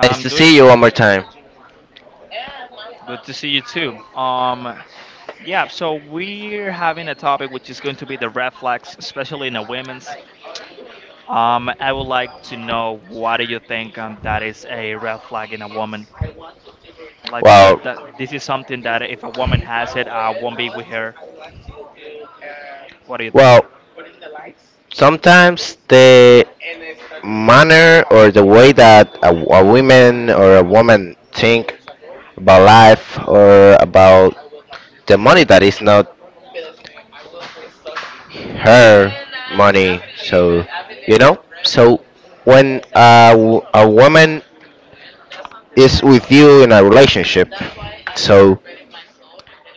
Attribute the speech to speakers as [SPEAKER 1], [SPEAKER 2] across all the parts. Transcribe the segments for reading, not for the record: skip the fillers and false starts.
[SPEAKER 1] Nice
[SPEAKER 2] I'm
[SPEAKER 1] to see
[SPEAKER 2] doing
[SPEAKER 1] you one more time.
[SPEAKER 2] good to see you too. Yeah. So we're having a topic which is going to be the red flags, especially in the women's. I would like to know what do you think that is a red flag in a woman? Like
[SPEAKER 1] Well,
[SPEAKER 2] this is something that if a woman has it, I won't be with her. What do you think?
[SPEAKER 1] well, sometimes the manner or the way that a woman or a woman think about life or about the money that is not her money. So, when a woman is with you in a relationship, so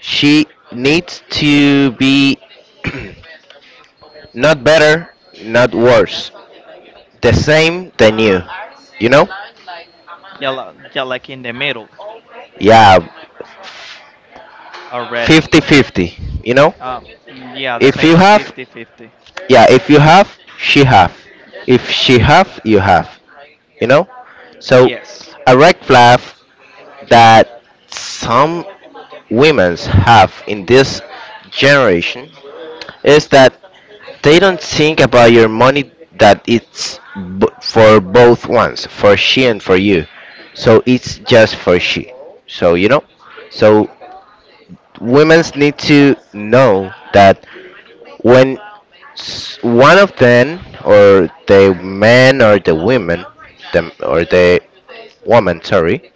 [SPEAKER 1] she needs to be not better, not worse. The same, the new. You know?
[SPEAKER 2] Yeah, like in the middle
[SPEAKER 1] Yeah,
[SPEAKER 2] already.
[SPEAKER 1] 50-50. You know?
[SPEAKER 2] Um, yeah, the
[SPEAKER 1] If you
[SPEAKER 2] famous
[SPEAKER 1] have,
[SPEAKER 2] fifty-fifty.
[SPEAKER 1] yeah, if you have, she have. If she have. You know? So,
[SPEAKER 2] Yes.
[SPEAKER 1] a red flag that some women have in this generation is that they don't think about your money, that it's for both ones, for she and for you. So it's just for she. So you know, so women's need to know that when one of them, or the man or the women, the woman, sorry,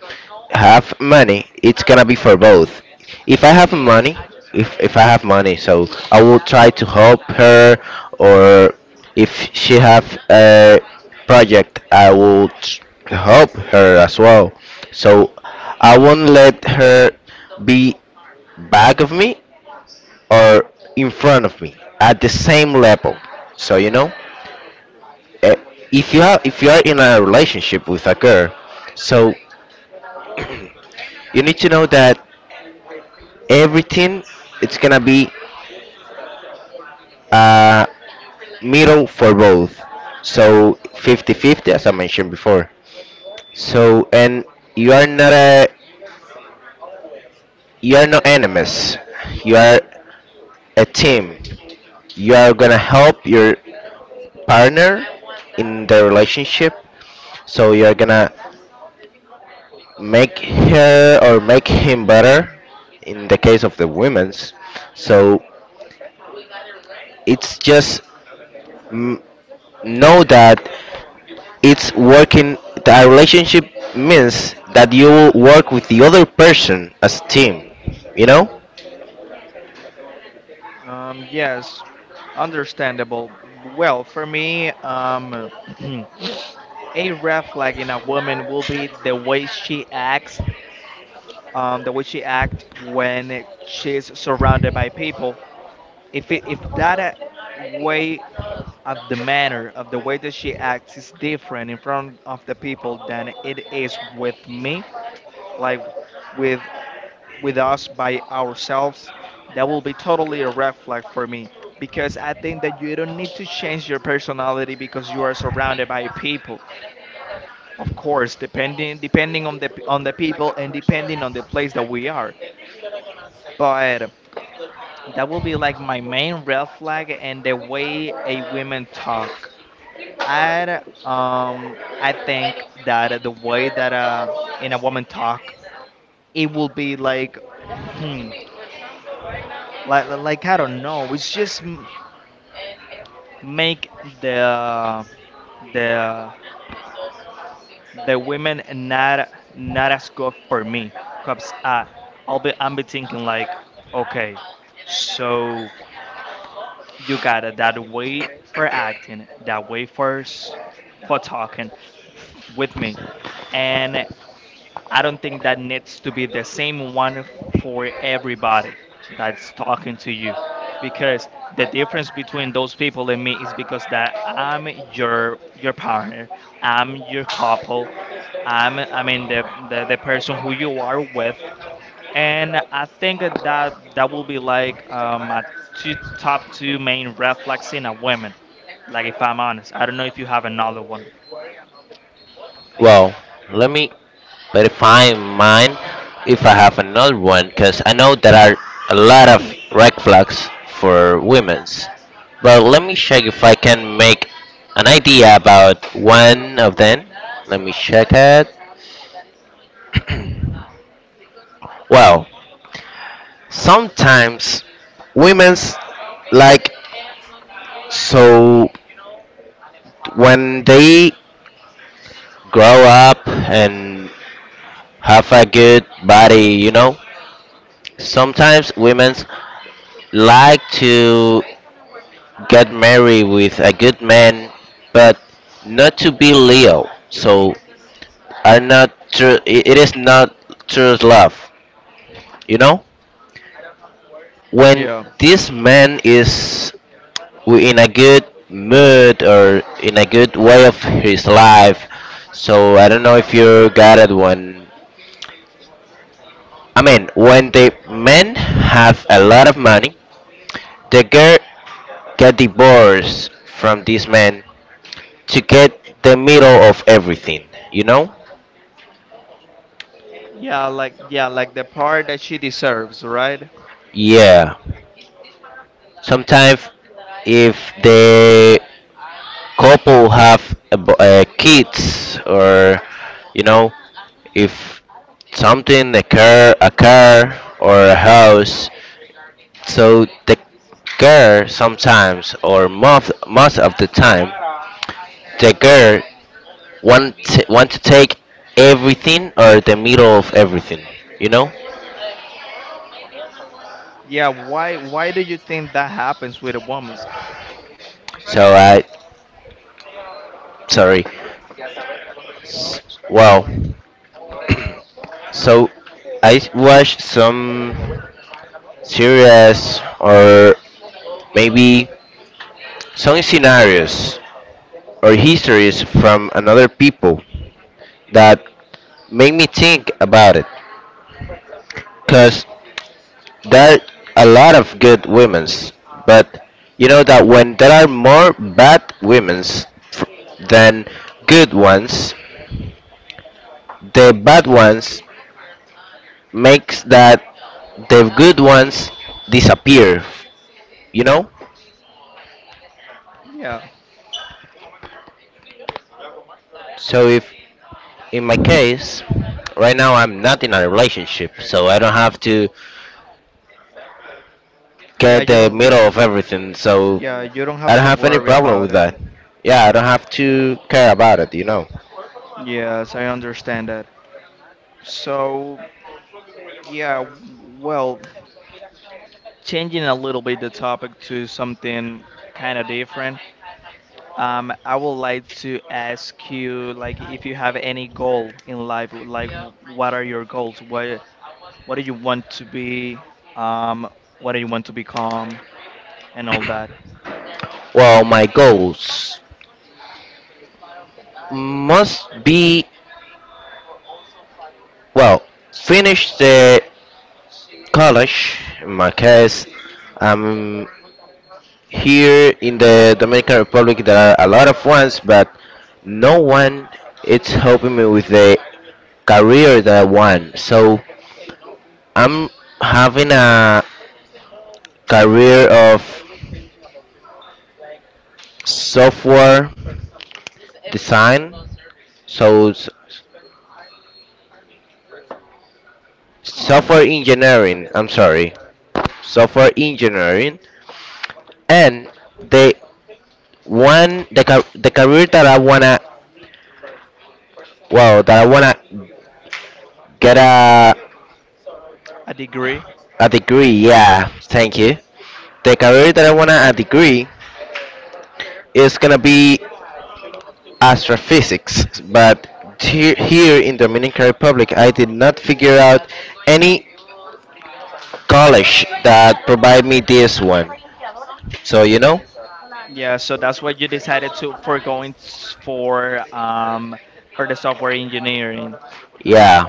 [SPEAKER 1] have money, it's gonna be for both. If I have money, if I have money, so I will try to help her, or if she have a project, I will help her as well. So I won't let her be back of me or in front of me, at the same level. So you know, eh, if you are in a relationship with a girl, so you need to know that everything it's gonna be uh, middle for both. So 50-50, as I mentioned before. So, and you are not a, you are not enemies, you are a team. You are gonna help your partner in the relationship, so you're gonna make her or make him better in the case of the women's. So it's just, mm, know that it's working. The relationship means that you will work with the other person as a team, you know.
[SPEAKER 2] Yes, understandable. Well, for me, a red flag in a woman will be the way she acts, the way she acts when she's surrounded by people. If that way of the manner of the way that she acts is different in front of the people than it is with me, like with with us by ourselves, that will be totally a red flag for me because I think that you don't need to change your personality because you are surrounded by people. Of course, depending on the people and depending on the place that we are. But that will be like my main red flag and the way a woman talk. I think that the way that in a woman talk, it will be like like I don't know. It's just make the the the women not as good for me. Cause I'll be thinking like, okay, so you got it that way for acting, that way for talking with me, and I don't think that needs to be the same one for everybody that's talking to you because the difference between those people and me is because that I'm your partner, I'm your couple, I mean the person who you are with and I think that that will be like my two top two main red flags in a woman like if I'm honest. I don't know if you have another one.
[SPEAKER 1] Well, let me verify mine if I have another one, because I know there are a lot of red flags for women's. But let me check if I can make an idea about one of them. Let me check it. Well, sometimes women's like, so when they grow up and have a good body, you know? Sometimes women like to get married with a good man, but not to be Leo. So, are not true. It is not true love, you know. When
[SPEAKER 2] Yeah.
[SPEAKER 1] this man is in a good mood or in a good way of his life, so I don't know if you got it one. I mean, when the men have a lot of money, the girl get divorced from this man to get the middle of everything, you know?
[SPEAKER 2] Like the part that she deserves, right?
[SPEAKER 1] Yeah. Sometimes if the couple have a kids or, you know, if something, a car or a house, so the girl sometimes, or most of the time, the girl want to take everything or the middle of everything, you know?
[SPEAKER 2] Yeah, why do you think that happens with a woman?
[SPEAKER 1] So I, sorry. Well, so I watched some series, or maybe some scenarios or histories from another people, that make me think about it. Because there are a lot of good women's, but you know that when there are more bad women's f- than good ones, the bad ones makes that the good ones disappear, you know.
[SPEAKER 2] Yeah.
[SPEAKER 1] So if, in my case, right now I'm not in a relationship, so I don't have to
[SPEAKER 2] Yeah,
[SPEAKER 1] get the middle of everything. So
[SPEAKER 2] you don't
[SPEAKER 1] I
[SPEAKER 2] have
[SPEAKER 1] don't
[SPEAKER 2] to
[SPEAKER 1] have any
[SPEAKER 2] worry
[SPEAKER 1] problem
[SPEAKER 2] about
[SPEAKER 1] with
[SPEAKER 2] it.
[SPEAKER 1] that. Yeah, I don't have to care about it, you know.
[SPEAKER 2] Yes, I understand that. So, yeah, well, changing a little bit the topic to something kind of different. I would like to ask you, like, if you have any goal in life, like, what are your goals? What do you want to be, um, what do you want to become, and all that.
[SPEAKER 1] Well, my goals must be, well, finish the college. In my case, I'm here in the Dominican Republic. There are a lot of ones, but no one is helping me with the career that I want. So I'm having a career of software design. So,
[SPEAKER 2] Um,
[SPEAKER 1] software engineering, I'm sorry, software engineering. And the one, the car, the career that I wanna, well, that I wanna get a
[SPEAKER 2] a degree.
[SPEAKER 1] a degree. Yeah, thank you. The career that I want to degree is going to be astrophysics. But here, here in Dominican Republic, I did not figure out any college that provide me this one. So, you know?
[SPEAKER 2] Yeah, so that's what you decided to for going for the software engineering.
[SPEAKER 1] Yeah.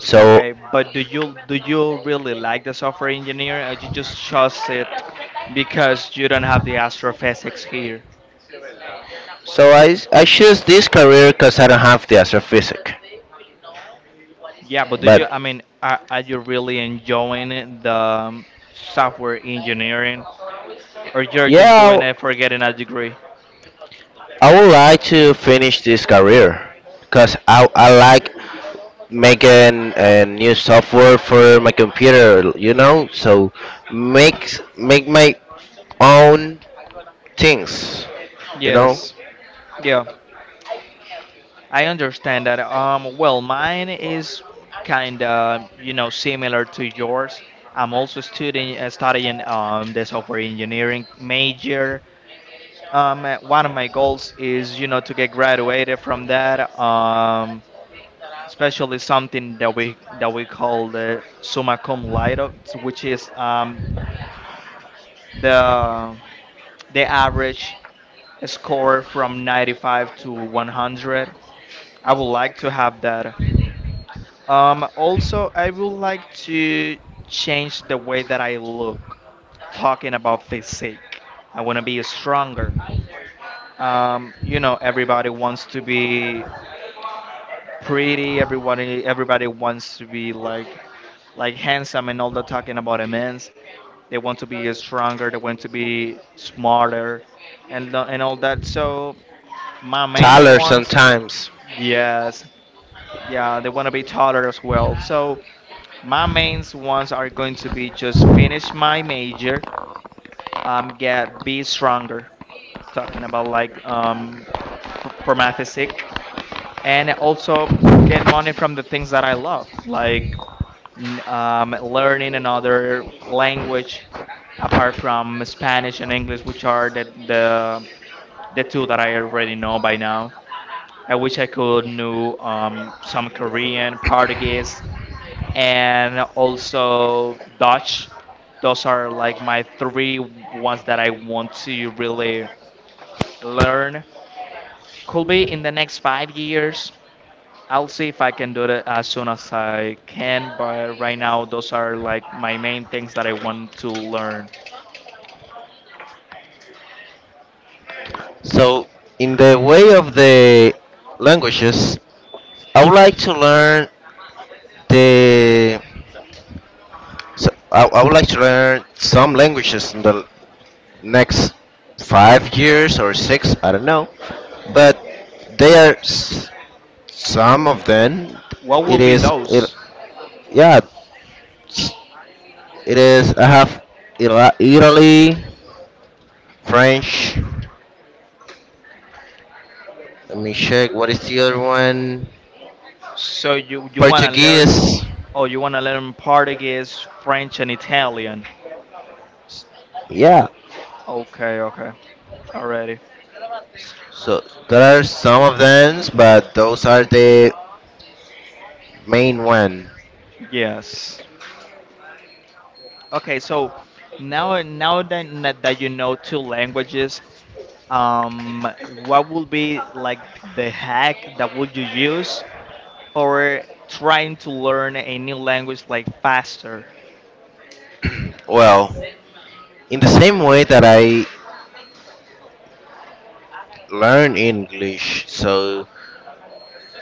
[SPEAKER 1] So,
[SPEAKER 2] Okay, but do you really like the software engineering, or you just chose it because you don't have the astrophysics here?
[SPEAKER 1] so, I choose this career because I don't have the astrophysics.
[SPEAKER 2] Yeah, but do you? I
[SPEAKER 1] But,
[SPEAKER 2] mean, are you really enjoying the software engineering, or you're just
[SPEAKER 1] yeah,
[SPEAKER 2] doing it for getting a degree?
[SPEAKER 1] I would like to finish this career because I like making a new software for my computer, you know? So, make my own things, you know?
[SPEAKER 2] Yes. Yeah, I understand that. Well, mine is kind of, similar to yours. I'm also studying the software engineering major. One of my goals is, to get graduated from that. Especially something that we call the summa cum laude, which is the the average score from 95 to 100. I would like to have that. Also, I would like to change the way that I look talking about physique. I want to be stronger. Everybody wants to be pretty. Everybody wants to be like handsome and all that. Talking about a man's. They want to be stronger. They want to be smarter, and all that. So my main
[SPEAKER 1] Tyler
[SPEAKER 2] ones,
[SPEAKER 1] sometimes.
[SPEAKER 2] yes, yeah, they want to be taller as well. So my mains ones are going to be just finish my major, get be stronger. Talking about like for my physique, and also get money from the things that I love, like learning another language apart from Spanish and English, which are the two that I already know by now. I wish I could know some Korean, Portuguese, and also Dutch. Those are like my three ones that I want to really learn. Could be in the next 5 years. I'll see if I can do it as soon as I can, but right now those are like my main things that I want to learn.
[SPEAKER 1] So in the way of the languages, I would like to learn the. So, I would like to learn some languages in the next 5 years or six, I don't know. But they are some of them.
[SPEAKER 2] What
[SPEAKER 1] It
[SPEAKER 2] will be
[SPEAKER 1] is it,
[SPEAKER 2] those?
[SPEAKER 1] yeah. s- It is, I have, Italy, French. Let me check, what is the other one?
[SPEAKER 2] So you wanna learn?
[SPEAKER 1] Portuguese.
[SPEAKER 2] Oh, you wanna learn Portuguese, French, and Italian?
[SPEAKER 1] Yeah.
[SPEAKER 2] Okay, okay, already.
[SPEAKER 1] So there are some of them, but those are the main one.
[SPEAKER 2] Yes. Okay, so now that that you know two languages, what would be like the hack that would you use for trying to learn a new language like faster?
[SPEAKER 1] Well, in the same way that I learn English, so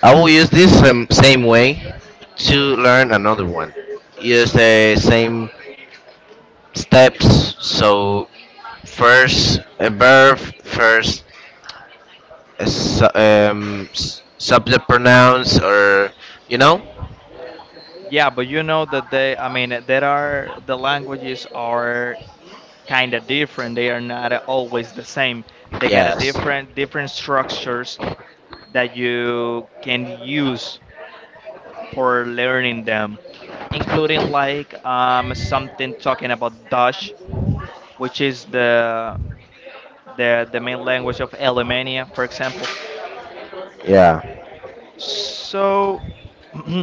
[SPEAKER 1] I will use this same way to learn another one. Use the same steps. So, first a verb, first a subject pronouns, or, you know?
[SPEAKER 2] Yeah, but you know that they, I mean, there are the languages are kind of different. They are not always the same. They got a
[SPEAKER 1] Yes.
[SPEAKER 2] different structures that you can use for learning them, including like something talking about Dutch, which is the main language of Alemania, for example.
[SPEAKER 1] Yeah.
[SPEAKER 2] So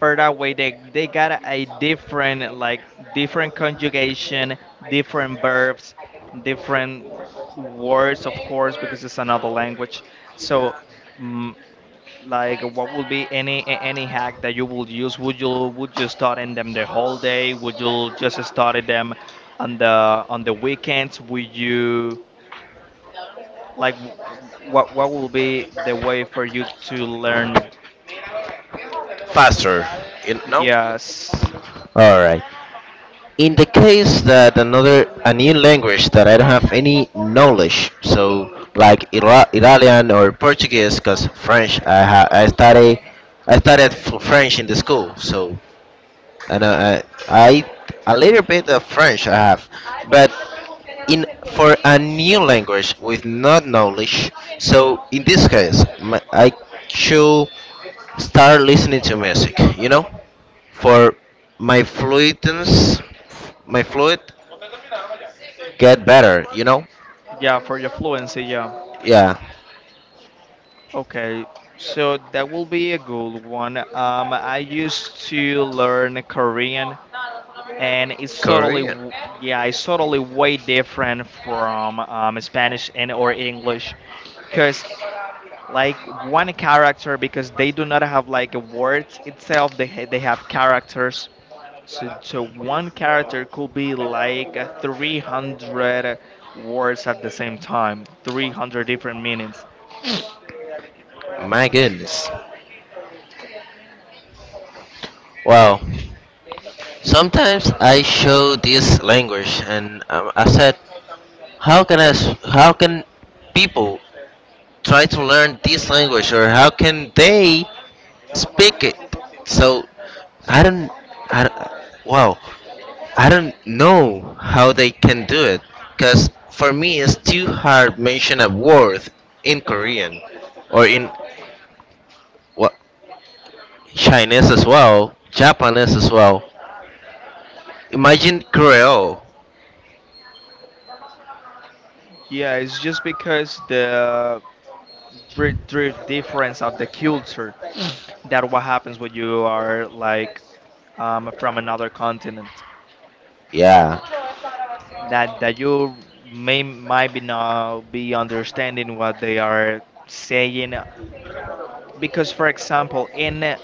[SPEAKER 2] But that way they got a different like different conjugation, different verbs, different words, of course, because it's another language. So, mm, like, what would be any any hack that you would use? Would you study them the whole day? Would you just study them on the weekends? Would you like what will be the way for you to learn?
[SPEAKER 1] Faster. You know?
[SPEAKER 2] Yes,
[SPEAKER 1] All right. In the case that another, a new language that I don't have any knowledge, so like Italian or Portuguese, because French I I study, I studied French in the school. So, and I I a little bit of French I have. But in, for a new language with not knowledge, so in this case my, I should start listening to music, you know, for my fluidness, my fluid get better. You know?
[SPEAKER 2] yeah, for your fluency, yeah.
[SPEAKER 1] Yeah.
[SPEAKER 2] Okay, so that will be a good one. I used to learn Korean, and
[SPEAKER 1] Korean.
[SPEAKER 2] yeah, it's totally way different from Spanish and or English, because like one character, because they do not have like a word itself, they have characters. So one character could be like 300 words at the same time, 300 different meanings.
[SPEAKER 1] My goodness. Wow. Sometimes I show this language, and I said, how can I, how can people try to learn this language, or how can they speak it? So I don't, I don't, wow. I don't know how they can do it, because for me it's too hard mention a word in Korean, or in, what, Chinese as well, Japanese as well. Imagine Creole.
[SPEAKER 2] Yeah, it's just because the dri dri difference of the culture that what happens when you are like from another continent
[SPEAKER 1] Yeah,
[SPEAKER 2] that that you may might be not be understanding what they are saying because for example in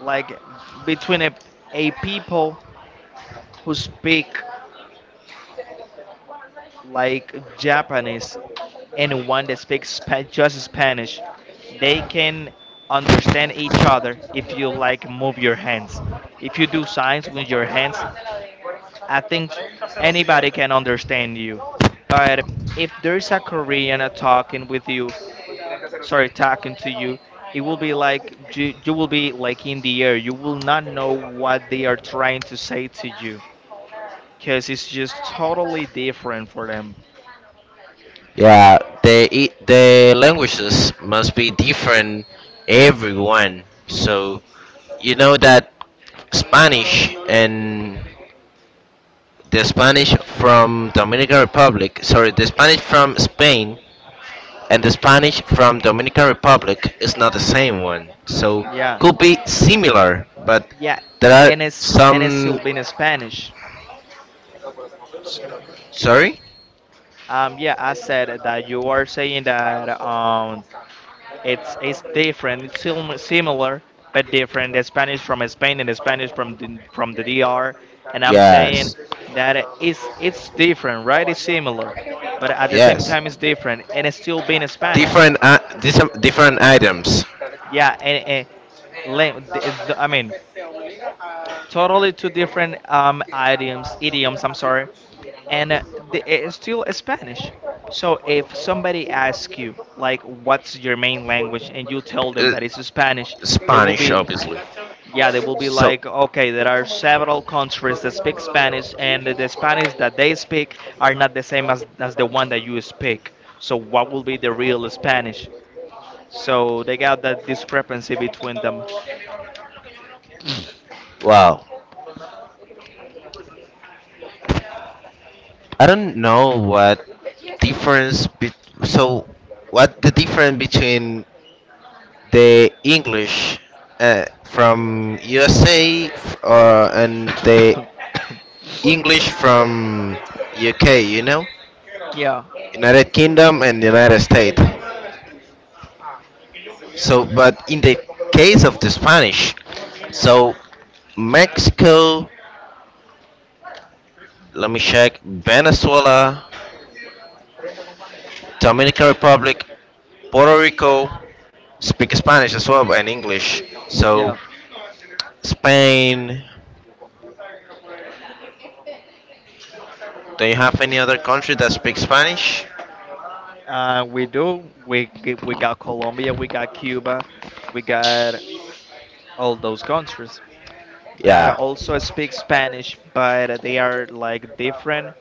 [SPEAKER 2] like between a people who speak like Japanese, anyone that speaks just Spanish, they can understand each other if you like move your hands. If you do signs with your hands, I think anybody can understand you. But if there's a Korean talking with you, sorry, talking to you, it will be like you will be like in the air. You will not know what they are trying to say to you because it's just totally different for them.
[SPEAKER 1] yeah. The the languages must be different everyone. So you know that Spanish, and the Spanish from Dominican Republic, sorry, the Spanish from Spain and the Spanish from Dominican Republic is not the same one. So,
[SPEAKER 2] Yeah.
[SPEAKER 1] could be similar, but
[SPEAKER 2] Yeah,
[SPEAKER 1] there are
[SPEAKER 2] and it's
[SPEAKER 1] some.
[SPEAKER 2] still been in Spanish.
[SPEAKER 1] Sorry?
[SPEAKER 2] Yeah, I said that you are saying that it's different. It's similar but different. The Spanish from Spain and the Spanish from the DR. And I'm saying
[SPEAKER 1] Yes.
[SPEAKER 2] that it's different, right? It's similar, but at the same
[SPEAKER 1] Yes.
[SPEAKER 2] time it's different, and it's still being Spanish.
[SPEAKER 1] Different different items.
[SPEAKER 2] Yeah, and la- the- I mean totally two different idioms. I'm sorry, and it's still Spanish. So if somebody asks you like, "What's your main language?" and you tell them
[SPEAKER 1] Uh,
[SPEAKER 2] that it's Spanish, they will
[SPEAKER 1] Spanish
[SPEAKER 2] be,
[SPEAKER 1] obviously.
[SPEAKER 2] yeah, they will be
[SPEAKER 1] So,
[SPEAKER 2] like, "Okay, there are several countries that speak Spanish, and the Spanish that they speak are not the same as the one that you speak. So what will be the real Spanish?" So they got that discrepancy between them.
[SPEAKER 1] wow. I don't know what difference so what the difference between the English from USA and the English from UK, you know,
[SPEAKER 2] Yeah,
[SPEAKER 1] United Kingdom and United States. So, but in the case of the Spanish, so, Mexico, let me check, Venezuela, Dominican Republic, Puerto Rico speak Spanish as well and English. So,
[SPEAKER 2] yeah.
[SPEAKER 1] Spain, do you have any other country that speaks Spanish?
[SPEAKER 2] We do. We got Colombia, we got Cuba, we got all those countries that
[SPEAKER 1] Yeah.
[SPEAKER 2] also speak Spanish, but they are like different.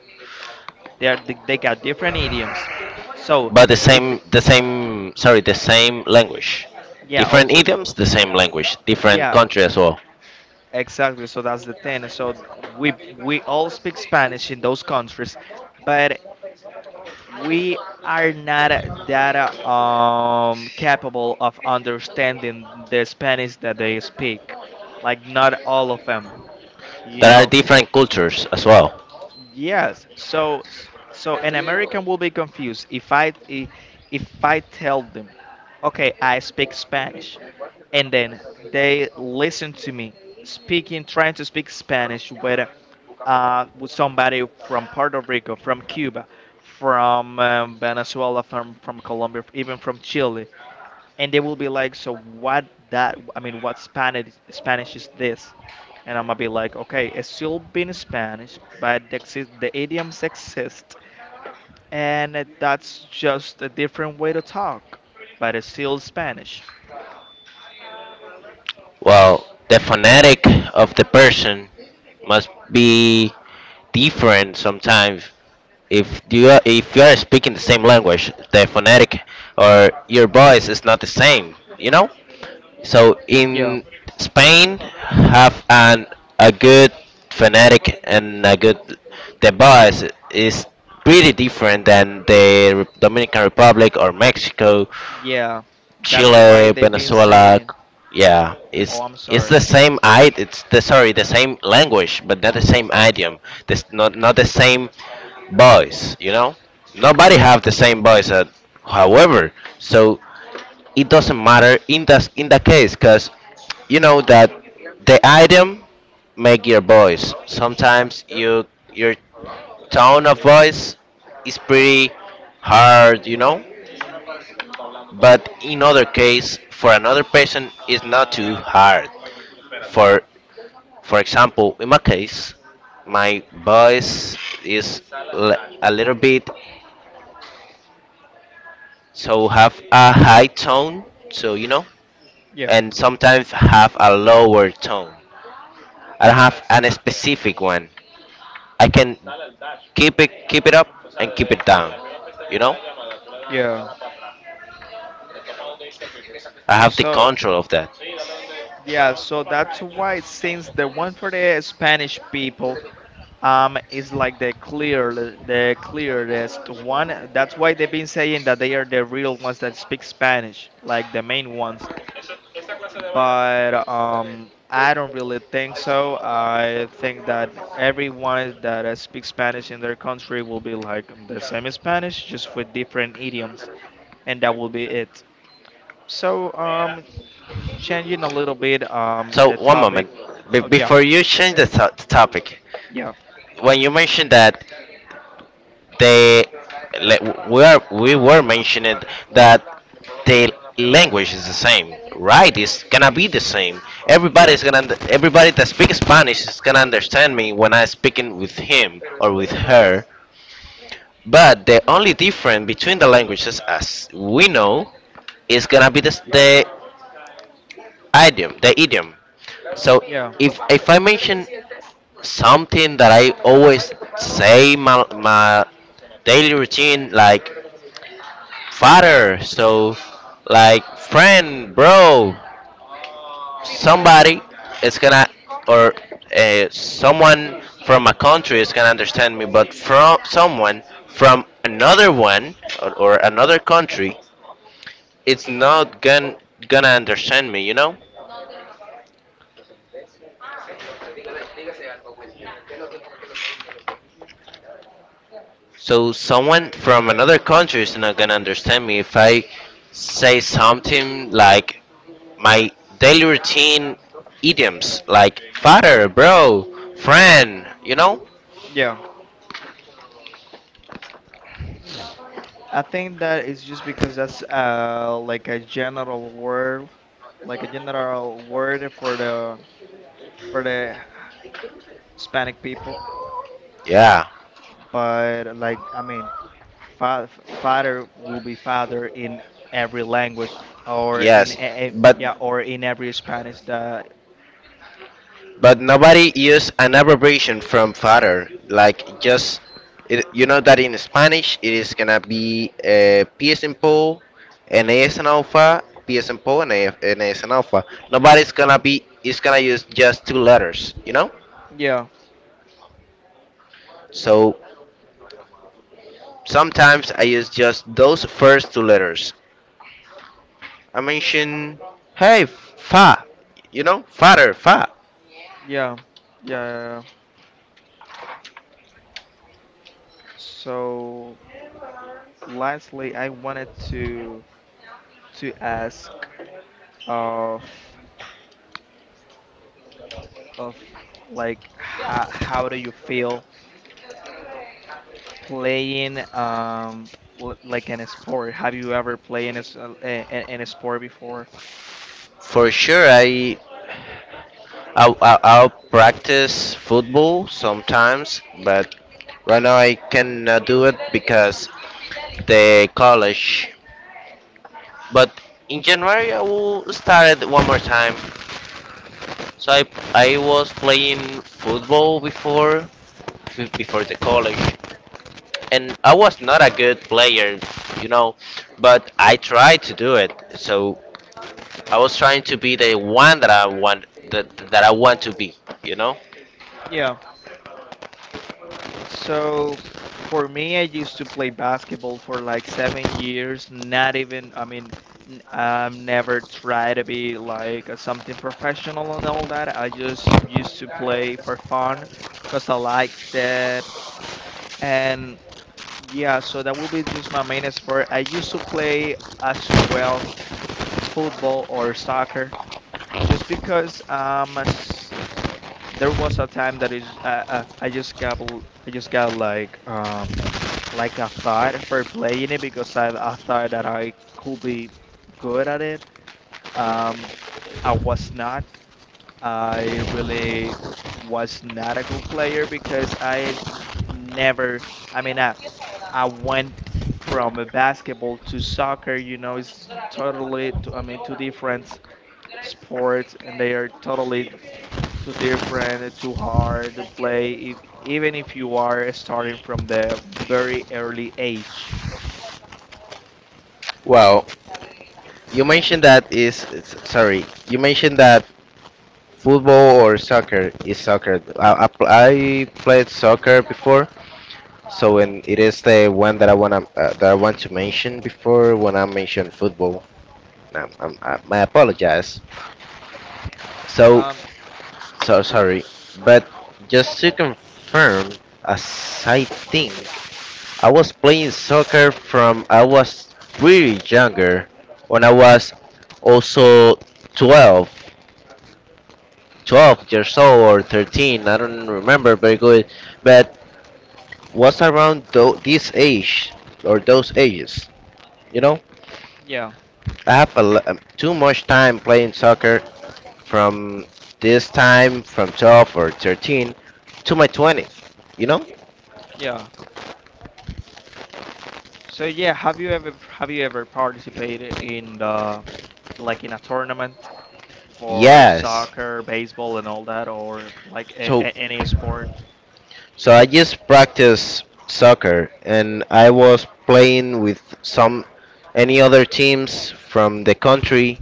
[SPEAKER 2] They are they got different idioms. So
[SPEAKER 1] But the
[SPEAKER 2] if
[SPEAKER 1] same, the same, sorry, the same language.
[SPEAKER 2] yeah,
[SPEAKER 1] Different
[SPEAKER 2] also
[SPEAKER 1] idioms, the same language. Different
[SPEAKER 2] yeah,
[SPEAKER 1] country as well.
[SPEAKER 2] exactly. So that's the thing. So we all speak Spanish in those countries, but we are not that capable of understanding the Spanish that they speak. Like, not all of them, you
[SPEAKER 1] There are
[SPEAKER 2] know?
[SPEAKER 1] different cultures as well.
[SPEAKER 2] Yes. So an American will be confused if if I tell them, okay, I speak Spanish, and then they listen to me speaking, trying to speak Spanish with somebody from Puerto Rico, from Cuba, from Venezuela, from Colombia, even from Chile, and they will be like, "So what that? I mean, what Spanish is this?" And I'm gonna be like, "Okay, it's still been Spanish, but the idioms exist, and that's just a different way to talk, but it's still Spanish."
[SPEAKER 1] Well, the phonetic of the person must be different sometimes. If you are speaking the same language, the phonetic or your voice is not the same, you know? So
[SPEAKER 2] Yeah,
[SPEAKER 1] in Spain, have an a good phonetic and a good. The bus is pretty different than the Dominican Republic, or Mexico,
[SPEAKER 2] yeah, that's why
[SPEAKER 1] Chile,
[SPEAKER 2] they've been
[SPEAKER 1] Venezuela.
[SPEAKER 2] saying,
[SPEAKER 1] Yeah,
[SPEAKER 2] "Oh,
[SPEAKER 1] it's
[SPEAKER 2] I'm
[SPEAKER 1] it's
[SPEAKER 2] sorry."
[SPEAKER 1] the same, I it's the, sorry, the same language, but not the same idiom. This, not the same voice. You know, nobody
[SPEAKER 2] Yeah,
[SPEAKER 1] have the same voice. At, however, so it doesn't matter in that case, because you know that the item make your voice, sometimes you, your tone of voice is pretty hard, you know. But in other case, for another person, it's not too hard. For for example, in my case, my voice is a little bit, so have a high tone, so you know.
[SPEAKER 2] yeah,
[SPEAKER 1] And sometimes have a lower tone, I don't have an specific one. I can keep it up and keep it down. You know,
[SPEAKER 2] yeah.
[SPEAKER 1] I have the
[SPEAKER 2] So
[SPEAKER 1] control of that.
[SPEAKER 2] yeah, so that's why since the one for the Spanish people is like the clearest one, that's why they've been saying that they are the real ones that speak Spanish, like the main ones. But I don't really think so. I think that everyone that speaks Spanish in their country will be like the same Spanish, just with different idioms, and that will be it. So, changing a little bit
[SPEAKER 1] So,
[SPEAKER 2] the
[SPEAKER 1] one
[SPEAKER 2] topic.
[SPEAKER 1] moment. Be-
[SPEAKER 2] Oh yeah,
[SPEAKER 1] before you change the topic,
[SPEAKER 2] yeah,
[SPEAKER 1] when you mentioned that the we were mentioning that the language is the same, right? It's gonna be the same.
[SPEAKER 2] yeah,
[SPEAKER 1] Everybody's gonna everybody that speaks Spanish is gonna understand me when I speaking with him or with her. But the only difference between the languages, as we know, is gonna be the idiom, the idiom. So,
[SPEAKER 2] yeah,
[SPEAKER 1] if I mention something that I always say, my daily routine, like father, so, like friend, bro, somebody, it's gonna, or someone from a country is gonna understand me, but from someone from another one, or another country, it's not gonna understand me, you know? So someone from another country is not gonna understand me if I say something like my daily routine idioms, like father, bro, friend, you know?
[SPEAKER 2] yeah. I think that is just because that's like a general word, like a general word for the Hispanic people.
[SPEAKER 1] Yeah,
[SPEAKER 2] But like I mean, fa- father will be father in every language or in
[SPEAKER 1] yes. But
[SPEAKER 2] yeah or in every Spanish that
[SPEAKER 1] But nobody use an abbreviation from father. Like, just it, you know that in Spanish it is gonna be PS and Paul, NAS and Alpha, PS and Paul, and NAS and Alpha. Nobody's gonna be, is gonna use just two letters. You know.
[SPEAKER 2] yeah
[SPEAKER 1] So sometimes I use just those first two letters. I mention, hey, fa, you know, father, fa.
[SPEAKER 2] yeah yeah. Yeah. Yeah. So lastly, I wanted to ask of of like how do you feel playing like in a sport? Have you ever played in a, s- a- in a sport before?
[SPEAKER 1] For sure, I I'll practice football sometimes, but right now I cannot do it because the college. But in January I will start it one more time. So, I was playing football before the college, and I was not a good player, you know, but I tried to do it. So I was trying to be the one that I want, that I want to be, you know.
[SPEAKER 2] Yeah. So for me, I used to play basketball for like 7 years. Not even, I mean, I've never tried to be like a something professional and all that. I just used to play for fun because I liked it. And yeah, so that will be just my main sport. I used to play as well football or soccer just because there was a time that is I just got like a thought for playing it because I thought that I could be good at it. Um, I was not. I really was not a good player because I n- never, I mean, I went from a basketball to soccer, you know, it's totally, I mean, two different sports and they are totally too different, too hard to play, even if you are starting from the very early age.
[SPEAKER 1] Well, you
[SPEAKER 2] But,
[SPEAKER 1] mentioned that is sorry. You mentioned that football or soccer is soccer. I played soccer before, so when it is the one that I wanna, that I want to mention before, when I mention football. I apologize. So,
[SPEAKER 2] um,
[SPEAKER 1] so sorry, but just to confirm, as I think, I was playing soccer from, I was really younger, when I was also 12 12 years old, or 13, I don't remember very good, but was around this age, or those ages. You know,
[SPEAKER 2] yeah,
[SPEAKER 1] I have a too much time playing soccer from this time, from 12 or 13 to my 20s. You know?
[SPEAKER 2] yeah. So yeah, have you ever participated in the like in a tournament? For
[SPEAKER 1] Yes.
[SPEAKER 2] soccer, baseball, and all that, or like
[SPEAKER 1] So,
[SPEAKER 2] any sport?
[SPEAKER 1] I just practice soccer, and I was playing with some, any other teams from the country.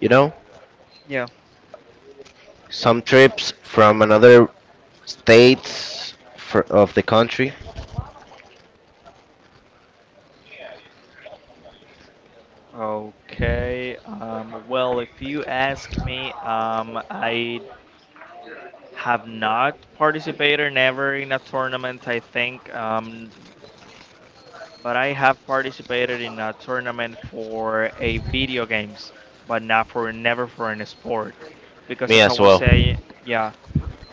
[SPEAKER 1] You know,
[SPEAKER 2] Yeah.
[SPEAKER 1] some trips from another states for, of the country.
[SPEAKER 2] Okay. Well, if you ask me, I have not participated never in a tournament, I think. But I have participated in a tournament for a video games, but not for never for an sport. Because
[SPEAKER 1] Me
[SPEAKER 2] as I
[SPEAKER 1] as
[SPEAKER 2] was
[SPEAKER 1] well.
[SPEAKER 2] saying, yeah,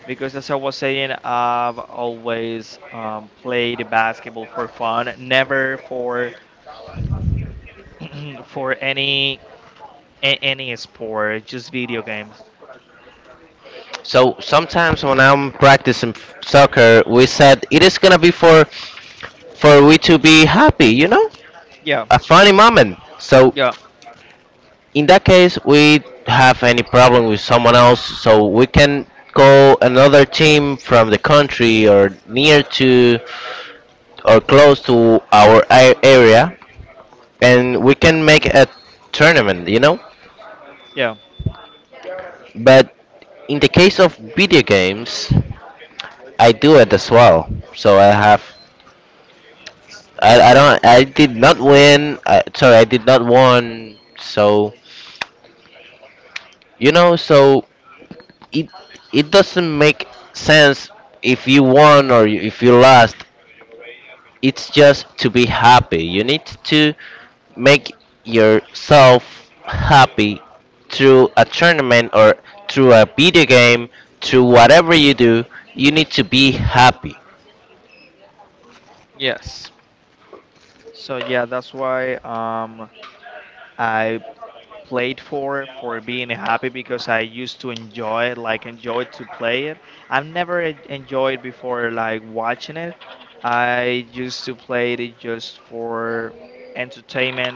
[SPEAKER 2] because as I was saying, I've always played basketball for fun, never for for any any sport, just video games.
[SPEAKER 1] So sometimes when I'm practicing soccer, we said it is gonna be for we to be happy, you know,
[SPEAKER 2] Yeah,
[SPEAKER 1] a funny moment. So
[SPEAKER 2] yeah,
[SPEAKER 1] in that case, we have any problem with someone else, so we can call another team from the country, or near to, or close to our area, and we can make a tournament, you know.
[SPEAKER 2] yeah,
[SPEAKER 1] But in the case of video games, I do it as well. So I have, I don't, I did not win. I, sorry, I did not won. So you know, so it it doesn't make sense if you won, or, if you lost. It's just to be happy. You need to make yourself happy, through a tournament, or through a video game, through whatever you do, you need to be happy.
[SPEAKER 2] yes. So yeah, that's why I played for being happy because I used to enjoy it, like enjoy to play it. I've never enjoyed before like watching it. I used to play it just for entertainment,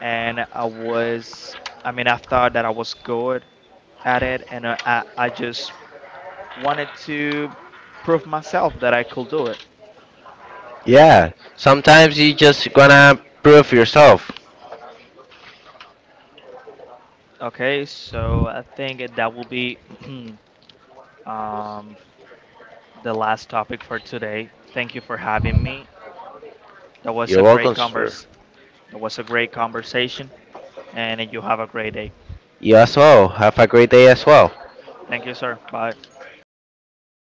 [SPEAKER 2] and I was, I mean, I thought that I was good at it, and I just wanted to prove myself that I could do it.
[SPEAKER 1] Yeah, sometimes you just gonna prove yourself.
[SPEAKER 2] Okay, so I think that will be um, the last topic for today. Thank you for having me. That was
[SPEAKER 1] You're
[SPEAKER 2] a great
[SPEAKER 1] welcome, sir.
[SPEAKER 2] converse. That was a great conversation, and you have a great day.
[SPEAKER 1] You as well. Have a great day as well.
[SPEAKER 2] Thank you, sir. Bye.
[SPEAKER 1] See